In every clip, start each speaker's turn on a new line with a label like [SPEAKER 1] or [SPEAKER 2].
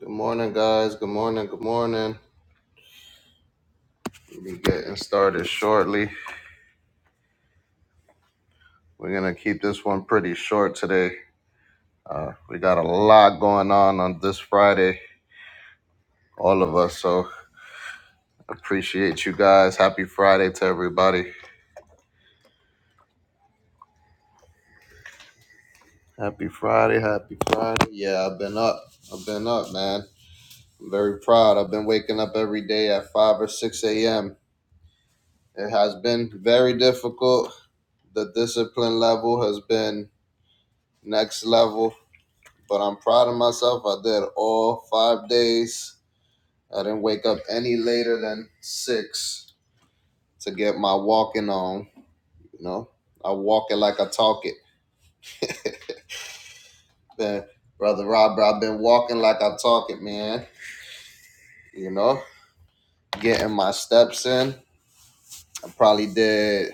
[SPEAKER 1] Good morning, guys. Good morning. Good morning. We'll be getting started shortly. We're going to keep this one pretty short today. Uh, we got a lot going on on this Friday, all of us. So appreciate you guys. Happy Friday to everybody. Happy Friday. Happy Friday. Yeah, I've been up. I've been up, man. I'm very proud. I've been waking up every day at 5 or 6 a.m. It has been very difficult. The discipline level has been next level but I'm proud of myself. I did all five days. I didn't wake up any later than six to get my walking on. You know, I walk it like I talk it. Man, brother Robert, I've been walking like I talk it, man. You know, getting my steps in. I probably did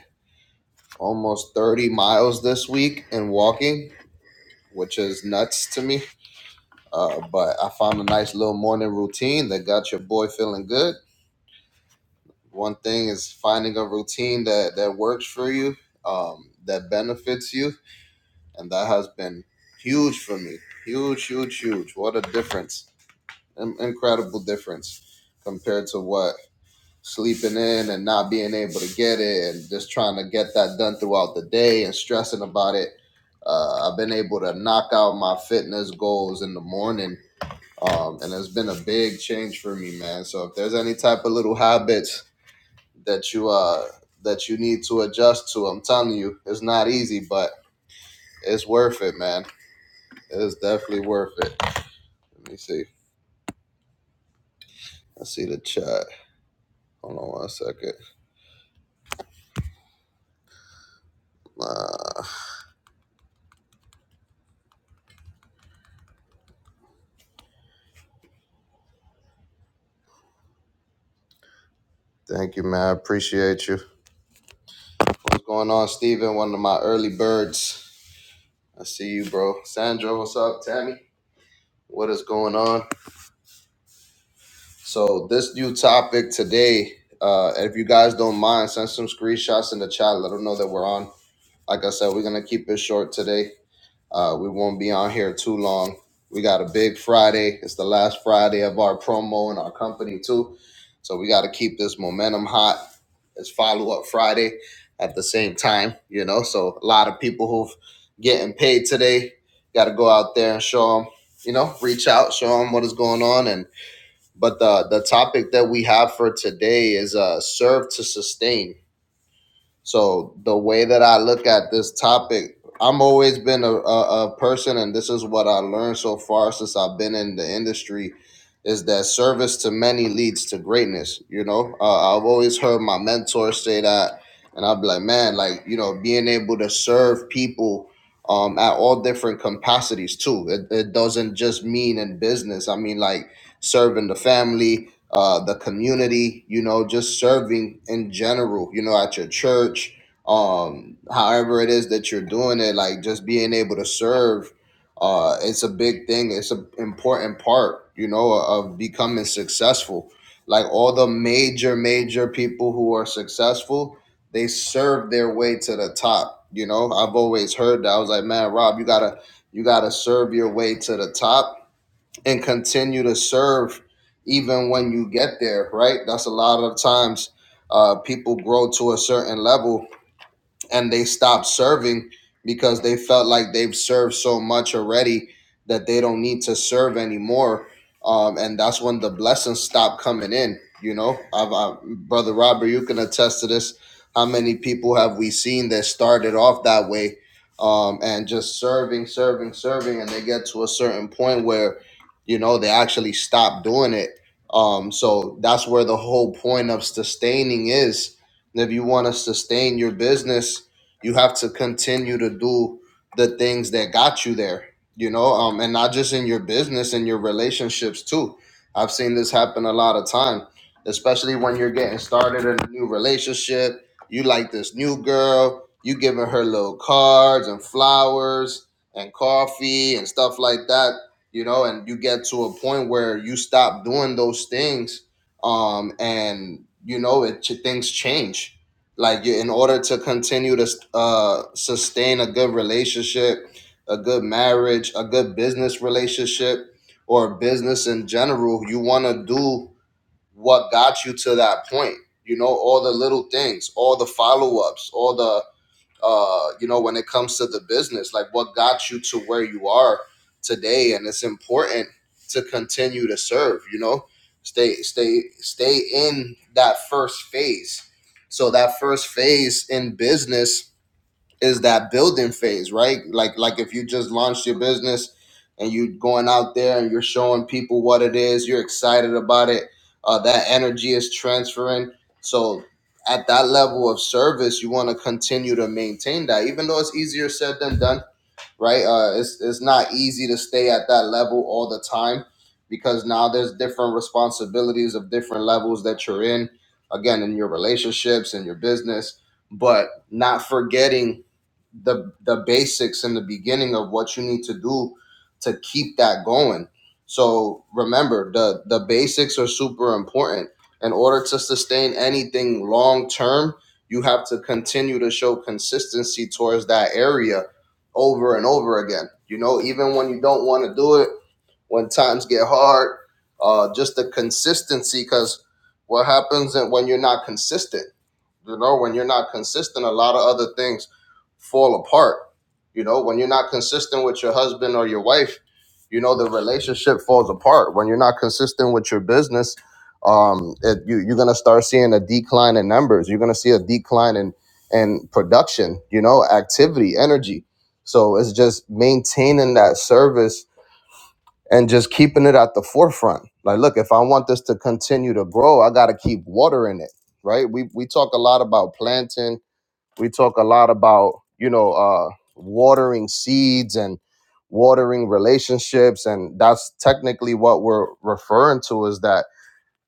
[SPEAKER 1] almost 30 miles this week in walking, which is nuts to me. Uh, but I found a nice little morning routine that got your boy feeling good One thing is finding a routine that that works for you, um, that benefits you, and that has been huge for me. Huge, huge, huge. What a difference! In- incredible difference compared to what sleeping in and not being able to get it, and just trying to get that done throughout the day and stressing about it. Uh, I've been able to knock out my fitness goals in the morning um, and it's been a big change for me, man. So if there's any type of little habits that you uh that you need to adjust to. I'm telling you, it's not easy, but it's worth it, man. It's definitely worth it. Let me see. I see the chat. Hold on one second. Uh, thank you, man. I appreciate you. What's going on, Steven? One of my early birds. I see you, bro. Sandra, what's up, Tammy? What is going on? So this new topic today, uh, if you guys don't mind, send some screenshots in the chat. Let them know that we're on. Like I said, we're gonna keep it short today Uh, we won't be on here too long. We got a big Friday. It's the last Friday of our promo in our company too, so we got to keep this momentum hot. It's follow up Friday at the same time, you know. So a lot of people who've getting paid today got to go out there and show them, you know, reach out, show them what is going on. And but the the topic that we have for today is uh, serve to sustain so the way that I look at this topic, I'm always been a, a, a person, and this is what I learned so far since I've been in the industry, is that service to many leads to greatness. You know, uh, I've always heard my mentors say that, and I'll be like, man, like you know, being able to serve people. Um, at all different capacities too. It, it doesn't just mean in business. I mean, like serving the family, uh, the community, you know, just serving in general, you know, at your church, um, however it is that you're doing it, like just being able to serve, uh, it's a big thing. It's an important part, you know, of becoming successful. Like all the major, major people who are successful, they serve their way to the top. You know, I've always heard that. I was like, man, Rob, you gotta, you gotta serve your way to the top and continue to serve even when you get there, right? That's a lot of times uh, people grow to a certain level and they stopped serving because they felt like they've served so much already that they don't need to serve anymore. Um, and that's when the blessings stop coming in. You know, I've, I, brother Robert, you can attest to this. How many people have we seen that started off that way um, and just serving, serving, serving, and they get to a certain point where, you know, they actually stop doing it. Um, so that's where the whole point of sustaining is. If you want to sustain your business, you have to continue to do the things that got you there, you know, um, and not just in your business and your relationships too. I've seen this happen a lot of time, especially when you're getting started in a new relationship. You like this new girl, you giving her little cards and flowers and coffee and stuff like that, you know, and you get to a point where you stop doing those things um, and you know it things change like you in order to continue to uh, sustain a good relationship a good marriage a good business relationship or business in general you want to do what got you to that point you know all the little things all the follow-ups all the uh, you know, when it comes to the business, like what got you to where you are today. And it's important to continue to serve, you know, stay, stay, stay in that first phase. So that first phase in business is that building phase, right? Like like if you just launched your business and you going out there and you're showing people what it is, you're excited about it. Uh, that energy is transferring. So at that level of service, you want to continue to maintain that, even though it's easier said than done right? Uh, it's it's not easy to stay at that level all the time because now there's different responsibilities of different levels that you're in. Again, in your relationships and your business, but not forgetting the the basics in the beginning of what you need to do to keep that going. So remember the the basics are super important. In order to sustain anything long term, you have to continue to show consistency towards that area over and over again. You know, even when you don't want to do it, when times get hard, uh, just the consistency. Because what happens when you're not consistent? You know, when you're not consistent, a lot of other things fall apart. You know, when you're not consistent with your husband or your wife, you know the relationship falls apart. When you're not consistent with your business, um, it, you, you're gonna start seeing a decline in numbers. You're gonna see a decline in in production. You know, activity, energy. So it's just maintaining that service and just keeping it at the forefront. Like, look, if I want this to continue to grow, I got to keep watering it, right? We we talk a lot about planting. We talk a lot about you know uh, watering seeds and watering relationships, and that's technically what we're referring to is that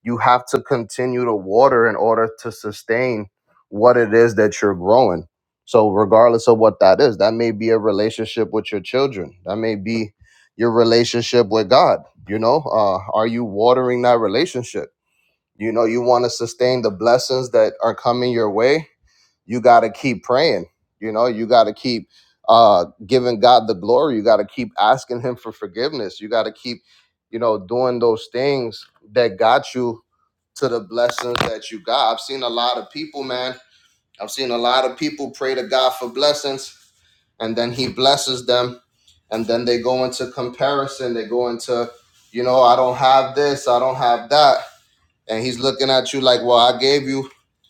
[SPEAKER 1] you have to continue to water in order to sustain what it is that you're growing. So, regardless of what that is, that may be a relationship with your children, that may be your relationship with God. You know, uh, are you watering that relationship? You know, you want to sustain the blessings that are coming your way you got to keep praying you know you got to keep uh giving god the glory you got to keep asking him for forgiveness you got to keep you know doing those things that got you to the blessings that you got i've seen a lot of people man i've seen a lot of people pray to god for blessings and then he blesses them and then they go into comparison they go into you know i don't have this i don't have that and he's looking at you like well i gave you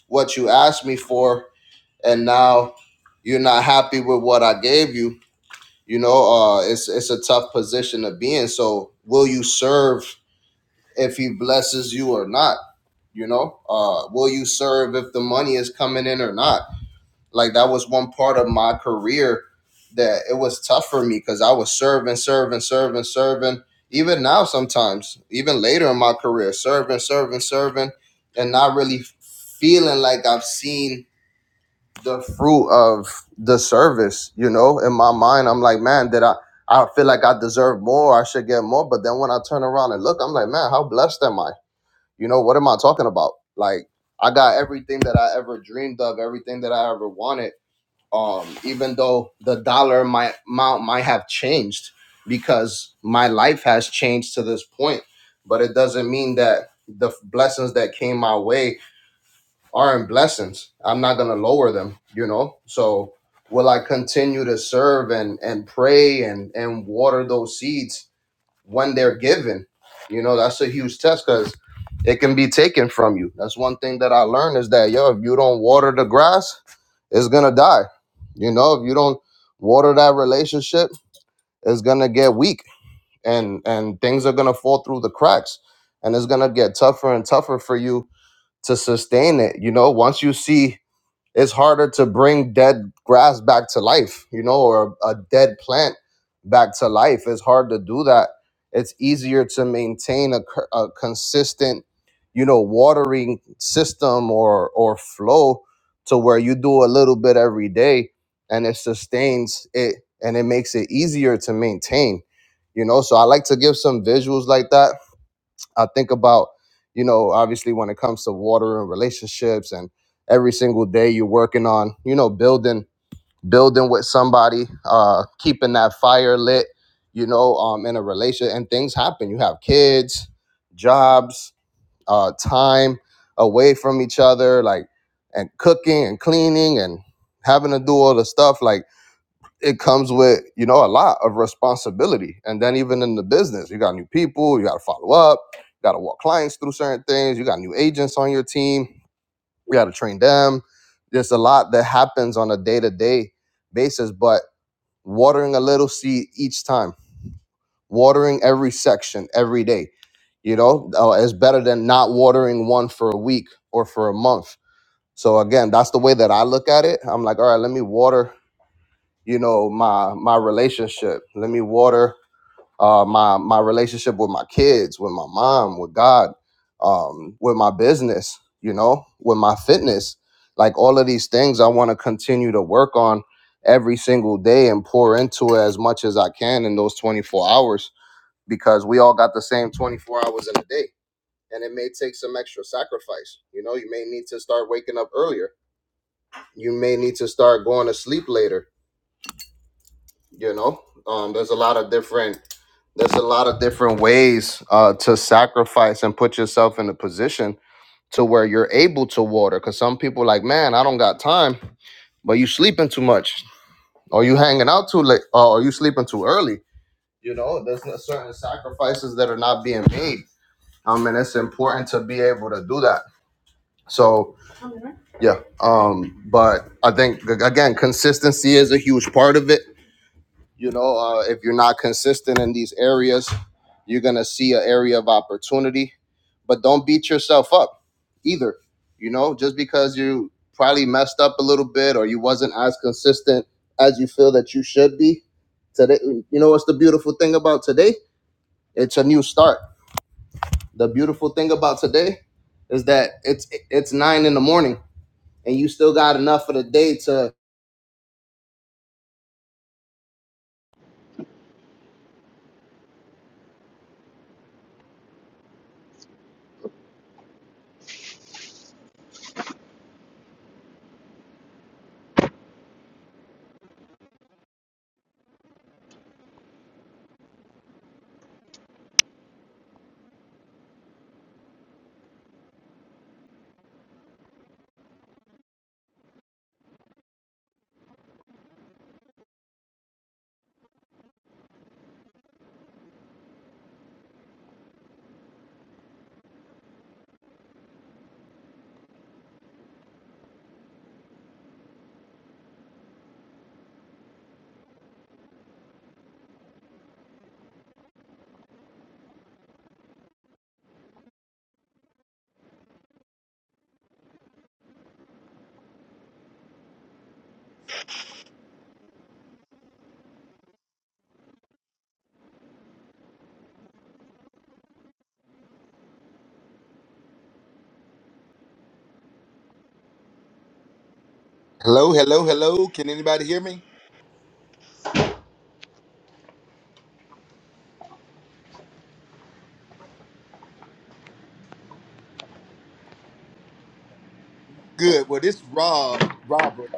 [SPEAKER 1] what you asked me for and now you're not happy with what I gave you, you know, uh, it's it's a tough position to be in. So will you serve if he blesses you or not? You know, uh, will you serve if the money is coming in or not? Like that was one part of my career that it was tough for me because I was serving, serving, serving, serving. Even now, sometimes, even later in my career, serving, serving, serving, and not really feeling like I've seen the fruit of the service, you know. In my mind, I'm like, man, did I? I feel like I deserve more. I should get more. But then when I turn around and look, I'm like, man, how blessed am I? You know, what am I talking about? Like, I got everything that I ever dreamed of, everything that I ever wanted. Um, even though the dollar my amount might have changed because my life has changed to this point, but it doesn't mean that the blessings that came my way are in blessings. I'm not gonna lower them, you know. So will I continue to serve and and pray and and water those seeds when they're given? You know, that's a huge test because it can be taken from you. That's one thing that I learned is that yo, if you don't water the grass, it's gonna die. You know, if you don't water that relationship, it's gonna get weak and and things are gonna fall through the cracks and it's gonna get tougher and tougher for you to sustain it. You know, once you see it's harder to bring dead grass back to life, you know, or a dead plant back to life. It's hard to do that. It's easier to maintain a, cur- a consistent, you know, watering system or or flow to where you do a little bit every day and it sustains it and it makes it easier to maintain, you know. So I like to give some visuals like that I think about, you know, obviously when it comes to water and relationships and every single day you're working on, you know, building building with somebody, uh, keeping that fire lit, you know, um, in a relation and things happen. You have kids, jobs, uh, time away from each other, like and cooking and cleaning and having to do all the stuff. Like it comes with you know a lot of responsibility and then even in the business you got new people you got to follow up you got to walk clients through certain things you got new agents on your team you got to train them there's a lot that happens on a day-to-day basis but watering a little seed each time watering every section every day you know uh, is better than not watering one for a week or for a month so again that's the way that i look at it i'm like all right let me water you know my my relationship let me water uh my my relationship with my kids with my mom with god um with my business you know with my fitness like all of these things i want to continue to work on every single day and pour into it as much as i can in those 24 hours because we all got the same 24 hours in a day and it may take some extra sacrifice you know you may need to start waking up earlier you may need to start going to sleep later you know um, there's a lot of different there's a lot of different ways uh, to sacrifice and put yourself in a position to where you're able to water because some people like man i don't got time but you sleeping too much or you hanging out too late or you sleeping too early you know there's no- certain sacrifices that are not being made um, and it's important to be able to do that so yeah um but i think ag- again consistency is a huge part of it you know uh, if you're not consistent in these areas you're gonna see an area of opportunity but don't beat yourself up either you know just because you probably messed up a little bit or you wasn't as consistent as you feel that you should be today you know what's the beautiful thing about today it's a new start the beautiful thing about today is that it's it's nine in the morning and you still got enough of the day to
[SPEAKER 2] Hello, hello, hello. Can anybody hear me? Good. Well, this Rob, Robert,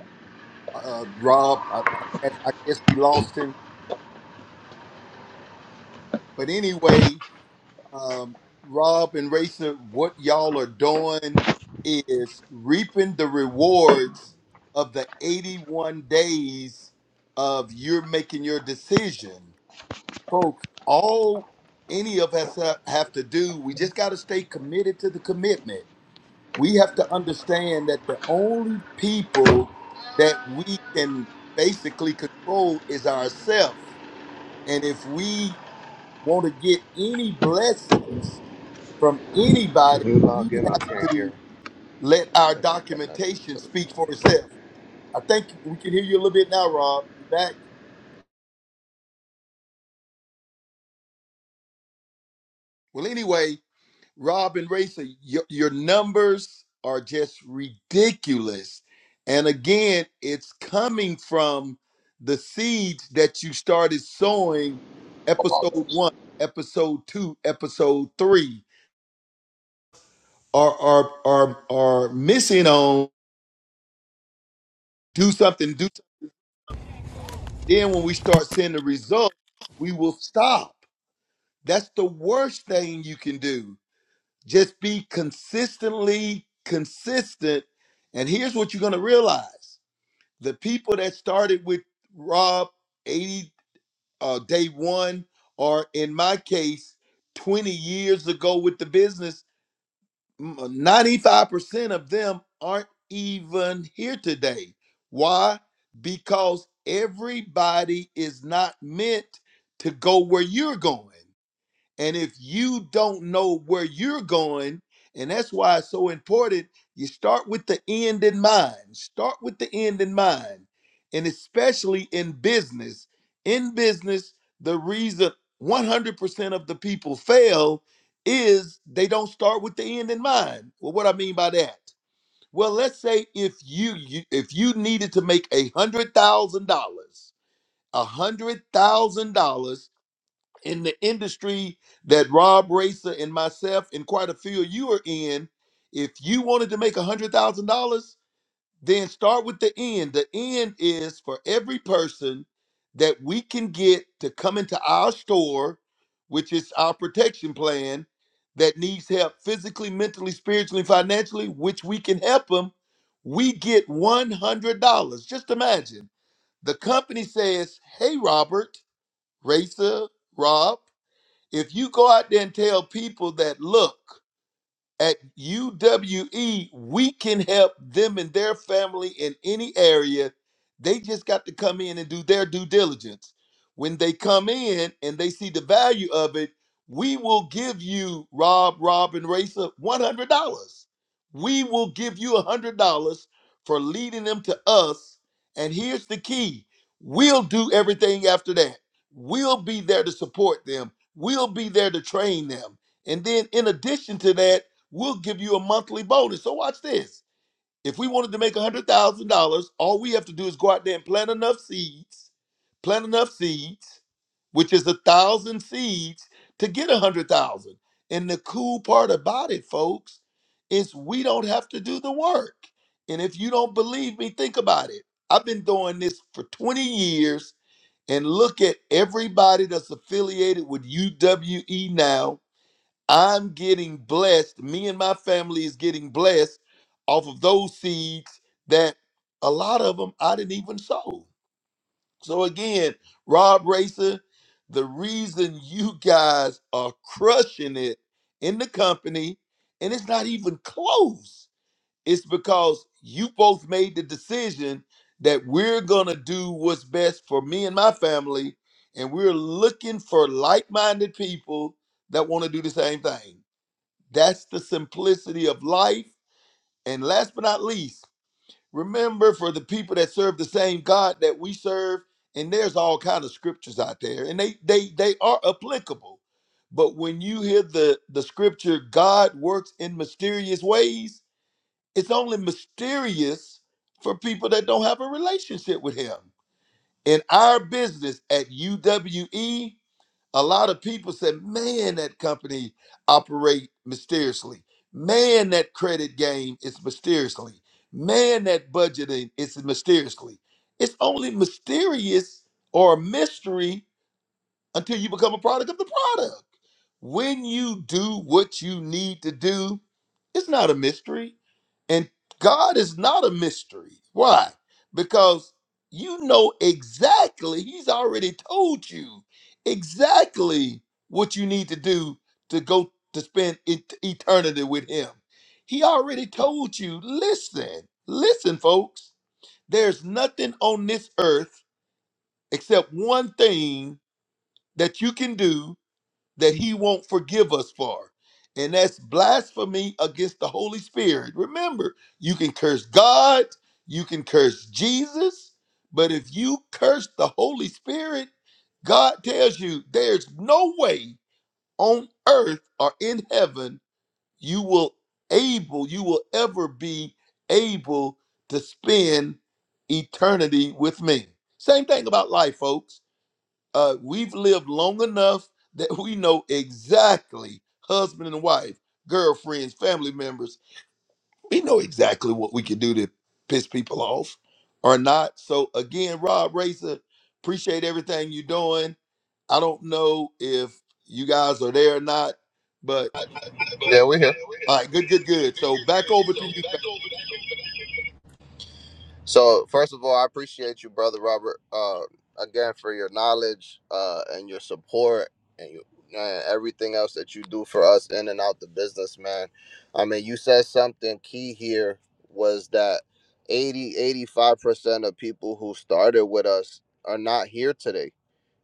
[SPEAKER 2] uh, Rob. I, I, I guess we lost him. But anyway, um, Rob and Rachel, what y'all are doing is reaping the rewards of the 81 days of you're making your decision, folks. All any of us have have to do, we just got to stay committed to the commitment we have to understand that the only people that we can basically control is ourselves. And if we want to get any blessings from
[SPEAKER 1] can
[SPEAKER 2] anybody,
[SPEAKER 1] you log
[SPEAKER 2] we
[SPEAKER 1] in i
[SPEAKER 2] have
[SPEAKER 1] can't hear
[SPEAKER 2] to
[SPEAKER 1] i
[SPEAKER 2] let our
[SPEAKER 1] think it connected
[SPEAKER 2] documentation
[SPEAKER 1] to the
[SPEAKER 2] speak for itself. I think we can hear you a little bit now, Rob. You back? Well, anyway, Rob and Racer, your, your numbers are just ridiculous. And again, it's coming from the seeds that you started sowing episode one, episode two, episode three are are are are missing on do something, do something. Then when we start seeing the results, we will stop. That's the worst thing you can do. Just be consistently consistent. And here's what you're going to realize the people that started with Rob 80 uh, day one, or in my case, 20 years ago with the business, m- 95% of them aren't even here today. Why? Because everybody is not meant to go where you're going. And if you don't know where you're going, and that's why it's so important, you start with the end in mind. Start with the end in mind. And especially in business. In business, the reason 100% of the people fail is they don't start with the end in mind. Well, what I mean by that? Well, let's say if you, you if you needed to make a hundred thousand dollars, a hundred thousand dollars in the industry that Rob Racer and myself and quite a few of you are in, if you wanted to make $100,000, then start with the end. The end is for every person that we can get to come into our store, which is our protection plan, that needs help physically, mentally, spiritually, financially, which we can help them, we get $100. Just imagine the company says, Hey, Robert, Racer, Rob. If you go out there and tell people that, look, at UWE, we can help them and their family in any area. They just got to come in and do their due diligence. When they come in and they see the value of it, we will give you, Rob, Rob, and Racer, $100. We will give you $100 for leading them to us. And here's the key we'll do everything after that. We'll be there to support them, we'll be there to train them. And then, in addition to that, we'll give you a monthly bonus. So watch this. If we wanted to make $100,000, all we have to do is go out there and plant enough seeds, plant enough seeds, which is a thousand seeds to get a 100,000. And the cool part about it, folks, is we don't have to do the work. And if you don't believe me, think about it. I've been doing this for 20 years and look at everybody that's affiliated with UWE now I'm getting blessed. Me and my family is getting blessed off of those seeds that a lot of them I didn't even sow. So again, Rob Racer, the reason you guys are crushing it in the company, and it's not even close, it's because you both made the decision that we're gonna do what's best for me and my family, and we're looking for like-minded people that want to do the same thing. That's the simplicity of life. And last but not least, remember for the people that serve the same God that we serve, and there's all kind of scriptures out there, and they they they are applicable. But when you hear the the scripture, God works in mysterious ways, it's only mysterious for people that don't have a relationship with Him. In our business at UWE, a lot of people said, man, that company operate mysteriously. Man, that credit game is mysteriously. Man, that budgeting is mysteriously. It's only mysterious or a mystery until you become a product of the product. When you do what you need to do, it's not a mystery. And God is not a mystery. Why? Because you know exactly, He's already told you exactly what you need to do to go to spend et- eternity with Him. He already told you, listen, listen, folks, there's nothing on this earth except one thing that you can do that he won't forgive us for. And that's blasphemy against the Holy Spirit. Remember, you can curse God, you can curse Jesus, but if you curse the Holy Spirit, God tells you there's no way on earth or in heaven you will able, you will ever be able to spend eternity with me. Same thing about life, folks uh, we've lived long enough that we know exactly husband and wife, girlfriends, family members. We know exactly what we can do to piss people off or not. So again, Rob Racer, appreciate everything you're doing. I don't know if you guys are there or not, but
[SPEAKER 1] yeah we're here
[SPEAKER 2] all right, good, good, good. So back over to you.
[SPEAKER 1] So first of all, I appreciate you, brother Robert, uh, again for your knowledge uh, and your support and you and everything else that you do for us in and out the business, man. I mean, you said something key here was that eighty eighty five percent of people who started with us are not here today,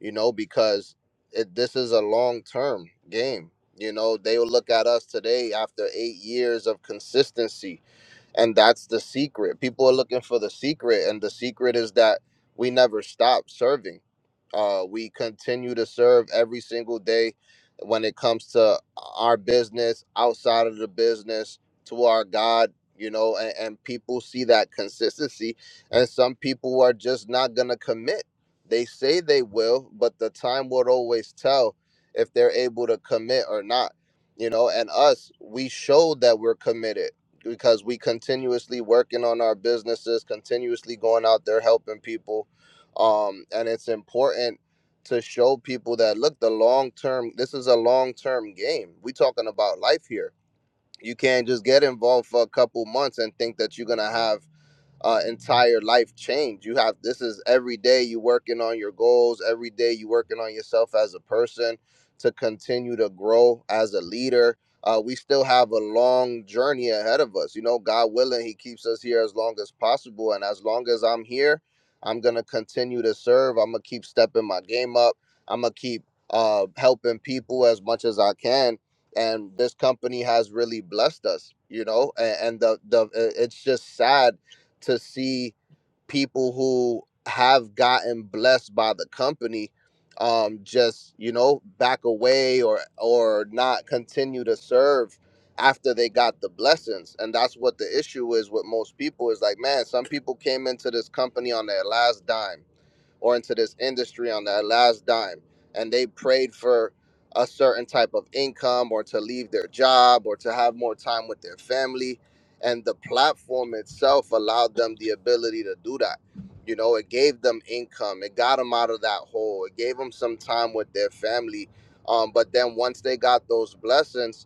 [SPEAKER 1] you know, because it, this is a long term game. You know, they will look at us today after eight years of consistency and that's the secret people are looking for the secret and the secret is that we never stop serving uh, we continue to serve every single day when it comes to our business outside of the business to our god you know and, and people see that consistency and some people are just not gonna commit they say they will but the time will always tell if they're able to commit or not you know and us we showed that we're committed because we continuously working on our businesses, continuously going out there helping people. Um, and it's important to show people that look, the long term, this is a long term game. We talking about life here. You can't just get involved for a couple months and think that you're gonna have uh, entire life change. You have this is every day you working on your goals, every day you working on yourself as a person to continue to grow as a leader. Uh, we still have a long journey ahead of us. You know, God willing, He keeps us here as long as possible. And as long as I'm here, I'm going to continue to serve. I'm going to keep stepping my game up. I'm going to keep uh, helping people as much as I can and this company has really blessed us you know and, and the the i- it's just sad to see people who have gotten blessed by the company um just you know back away or or not continue to serve after they got the blessings and that's what the issue is with most people is like man some people came into this company on their last dime or into this industry on that last dime and they prayed for a certain type of income or to leave their job or to have more time with their family and the platform itself allowed them the ability to do that you know it gave them income it got them out of that hole it gave them some time with their family um, but then once they got those blessings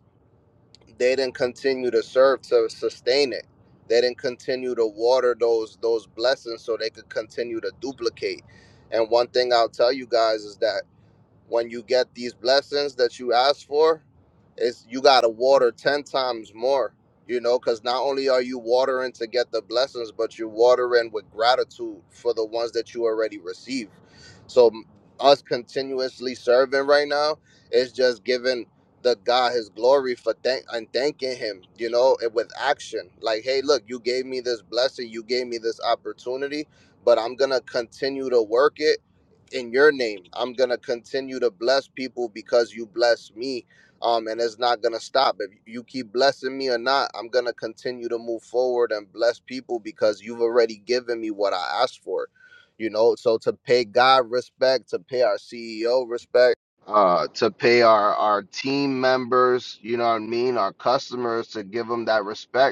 [SPEAKER 1] they didn't continue to serve to sustain it. They didn't continue to water those those blessings so they could continue to duplicate. And one thing I'll tell you guys is that when you get these blessings that you ask for is you got to water 10 times more you know because not only are you watering to get the blessings but you're watering with gratitude for the ones that you already receive so m- us continuously serving right now is just giving the god his glory for thank and thanking him you know and with action like hey look you gave me this blessing you gave me this opportunity but i'm gonna continue to work it in your name. I'm gonna continue to bless people because you bless me. Um, and it's not gonna stop. If you keep blessing me or not, I'm gonna continue to move forward and bless people because you've already given me what I asked for. You know, so to pay God respect, to pay our CEO respect, uh, to pay our our team members, you know what I mean, our customers, to give them that respect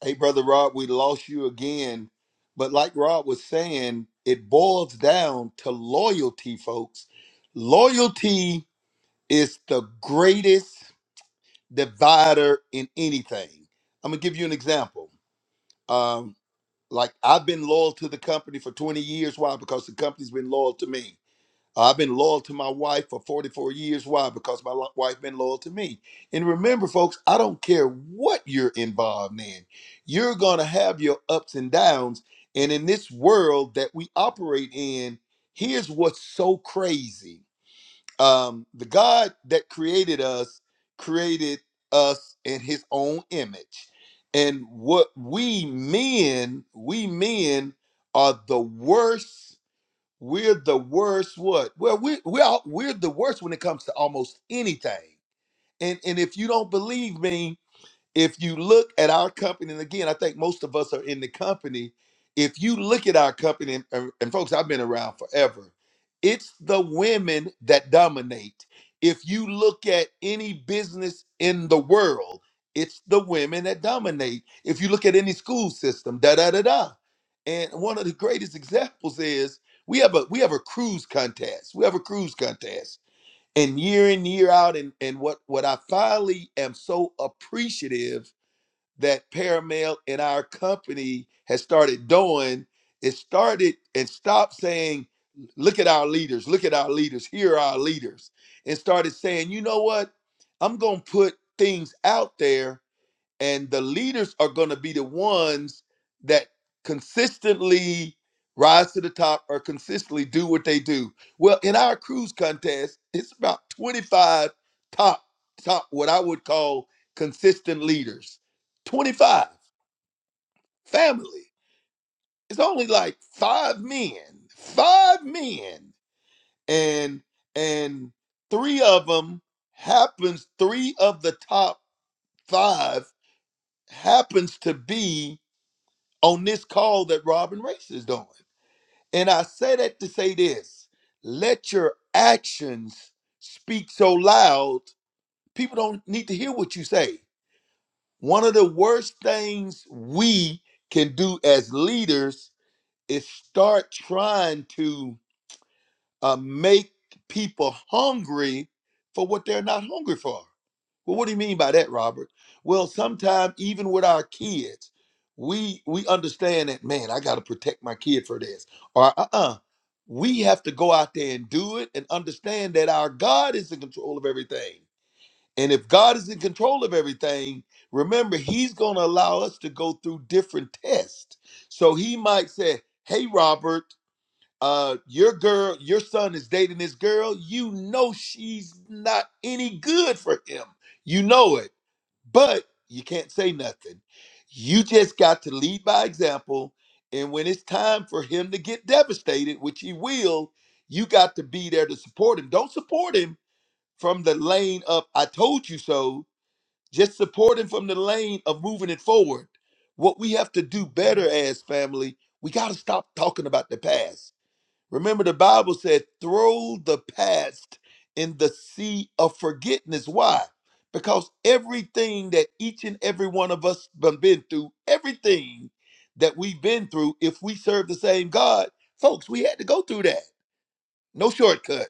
[SPEAKER 2] Hey, Brother Rob, we lost you again. But like Rob was saying, it boils down to loyalty, folks. Loyalty is the greatest divider in anything. I'm going to give you an example. Um, like, I've been loyal to the company for 20 years. Why? Because the company's been loyal to me I've been loyal to my wife for 44 years. Why? Because my lo- wife been loyal to me. And remember, folks, I don't care what you're involved in. You're gonna have your ups and downs. And in this world that we operate in, here's what's so crazy. Um, the God that created us created us in his own image. And what we men, we men are the worst we're the worst what well we, we are we're the worst when it comes to almost anything and and if you don't believe me if you look at our company, and again, I think most of us are in the company. If you look at our company, and, and- and folks, I've been around forever, it's the women that dominate. If you look at any business in the world, it's the women that dominate. If you look at any school system, da da da da. And one of the greatest examples is we have a we have a cruise contest. We have a cruise contest. And year in, year out, and, and what what I finally am so appreciative that Paramount and our company has started doing is started and stopped saying, look at our leaders, look at our leaders, here are our leaders, and started saying, you know what? I'm going to put things out there and the leaders are going to be the ones that consistently rise to the top or consistently do what they do. Well, in our cruise contest, it's about 25 top top what I would call consistent leaders. 25 family. It's only like 5 men. 5 men and and 3 of them happens 3 of the top 5 happens to be on this call that Robin Race is doing. And I say that to say this let your actions speak so loud, people don't need to hear what you say. One of the worst things we can do as leaders is start trying to uh, make people hungry for what they're not hungry for. Well, what do you mean by that, Robert? Well, sometimes even with our kids, we we understand that man, I got to protect my kid for this, or uh uh we have to go out there and do it and understand that our God is in control of everything. And if God is in control of everything, remember He's going to allow us to go through different tests. So He might say, "Hey, Robert." Uh, your girl, your son is dating this girl. You know she's not any good for him. You know it but you can't say nothing. You just got to lead by example. And when it's time for him to get devastated, which he will, you got to be there to support him. Don't support him from the lane of I told you so. Just support him from the lane of moving it forward. What we have to do better as family, we got to stop talking about the past Remember, the Bible said, throw the past in the sea of forgetfulness. Why? Because everything that each and every one of us done been through, everything that we've been through, if we serve the same God, folks, we had to go through that. No shortcut.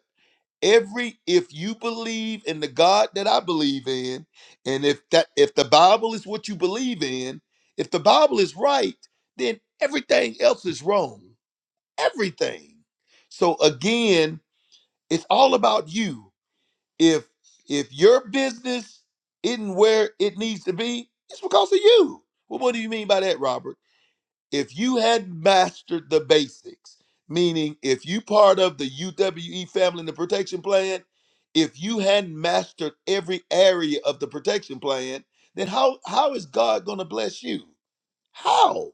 [SPEAKER 2] Every if you believe in the God that I believe in, and if that if the Bible is what you believe in, if the Bible is right, then everything else is wrong everything. So again, it's all about you. If if your business isn't where it needs to be, it's because of you. Well, what do you mean by that, Robert? If you had mastered the basics, meaning if you part of the UWE family and the protection plan, if you hadn't mastered every area of the protection plan, then how how is God gonna bless you? How?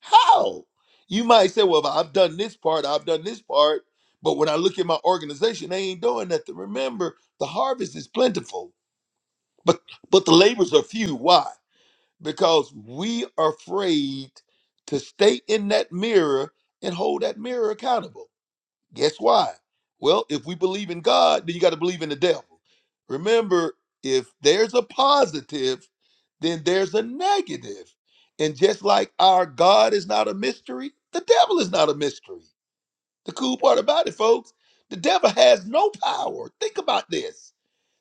[SPEAKER 2] How? You might say, well, I've done this part, I've done this part, but when I look at my organization, they ain't doing nothing. Remember, the harvest is plentiful, but but the labors are few. Why? Because we are afraid to stay in that mirror and hold that mirror accountable. Guess why? Well, if we believe in God, then you got to believe in the devil. Remember, if there's a positive, then there's a negative. And just like our God is not a mystery, the devil is not a mystery. The cool part about it, folks, the devil has no power. Think about this.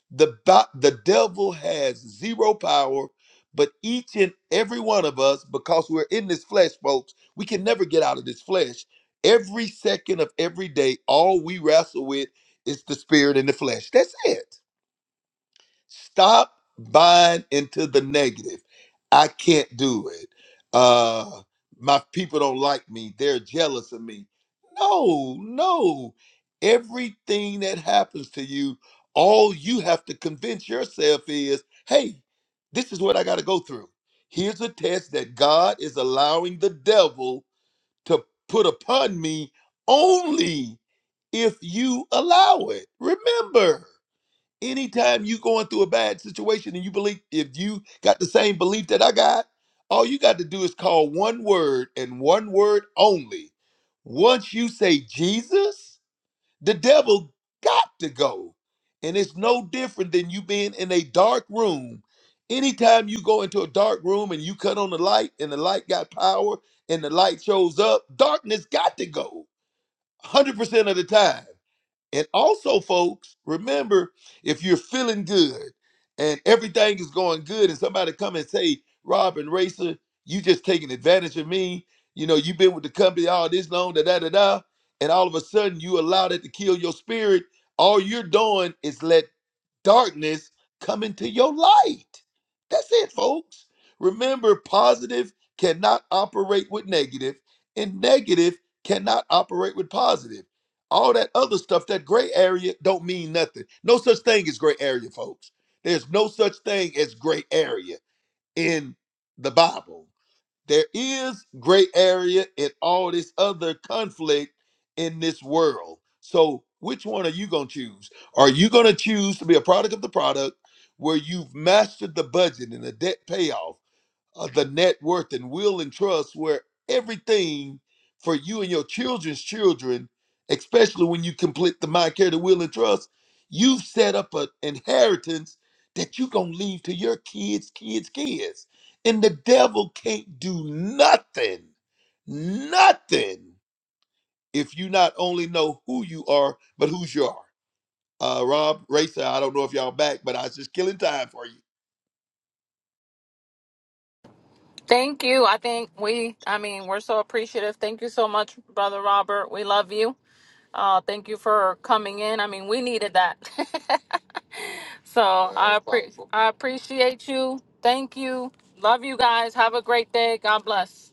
[SPEAKER 2] The, ba- the devil has zero power, but each and every one of us, because we're in this flesh, folks, we can never get out of this flesh. Every second of every day, all we wrestle with is the spirit and the flesh. That's it. Stop buying into the negative. I can't do it. Uh my people don't like me. They're jealous of me. No, no. Everything that happens to you, all you have to convince yourself is, "Hey, this is what I got to go through. Here's a test that God is allowing the devil to put upon me only if you allow it." Remember, Anytime you going through a bad situation and you believe if you got the same belief that I got, all you got to do is call one word and one word only. Once you say Jesus, the devil got to go. And it's no different than you being in a dark room. Anytime you go into a dark room and you cut on the light and the light got power and the light shows up, darkness got to go 100% of the time. And also, folks, remember if you're feeling good and everything is going good, and somebody come and say, Rob and Racer, you just taking advantage of me. You know, you've been with the company all this long, da da da da. And all of a sudden, you allow that to kill your spirit. All you're doing is let darkness come into your light. That's it, folks. Remember, positive cannot operate with negative, and negative cannot operate with positive all that other stuff that gray area don't mean nothing no such thing as gray area folks there's no such thing as gray area in the bible there is gray area in all this other conflict in this world so which one are you going to choose are you going to choose to be a product of the product where you've mastered the budget and the debt payoff uh, the net worth and will and trust where everything for you and your children's children especially when you complete the mind care the will and trust you've set up an inheritance that you're gonna leave to your kids kids kids and the devil can't do nothing nothing if you not only know who you are but who's you are uh rob racer i don't know if y'all back but i was just killing time for you
[SPEAKER 3] Thank you. I think we, I mean, we're so appreciative. Thank you so much, Brother Robert. We love you. Uh, thank you for coming in. I mean, we needed that. so I, appre- I appreciate you. Thank you. Love you guys. Have a great day. God bless.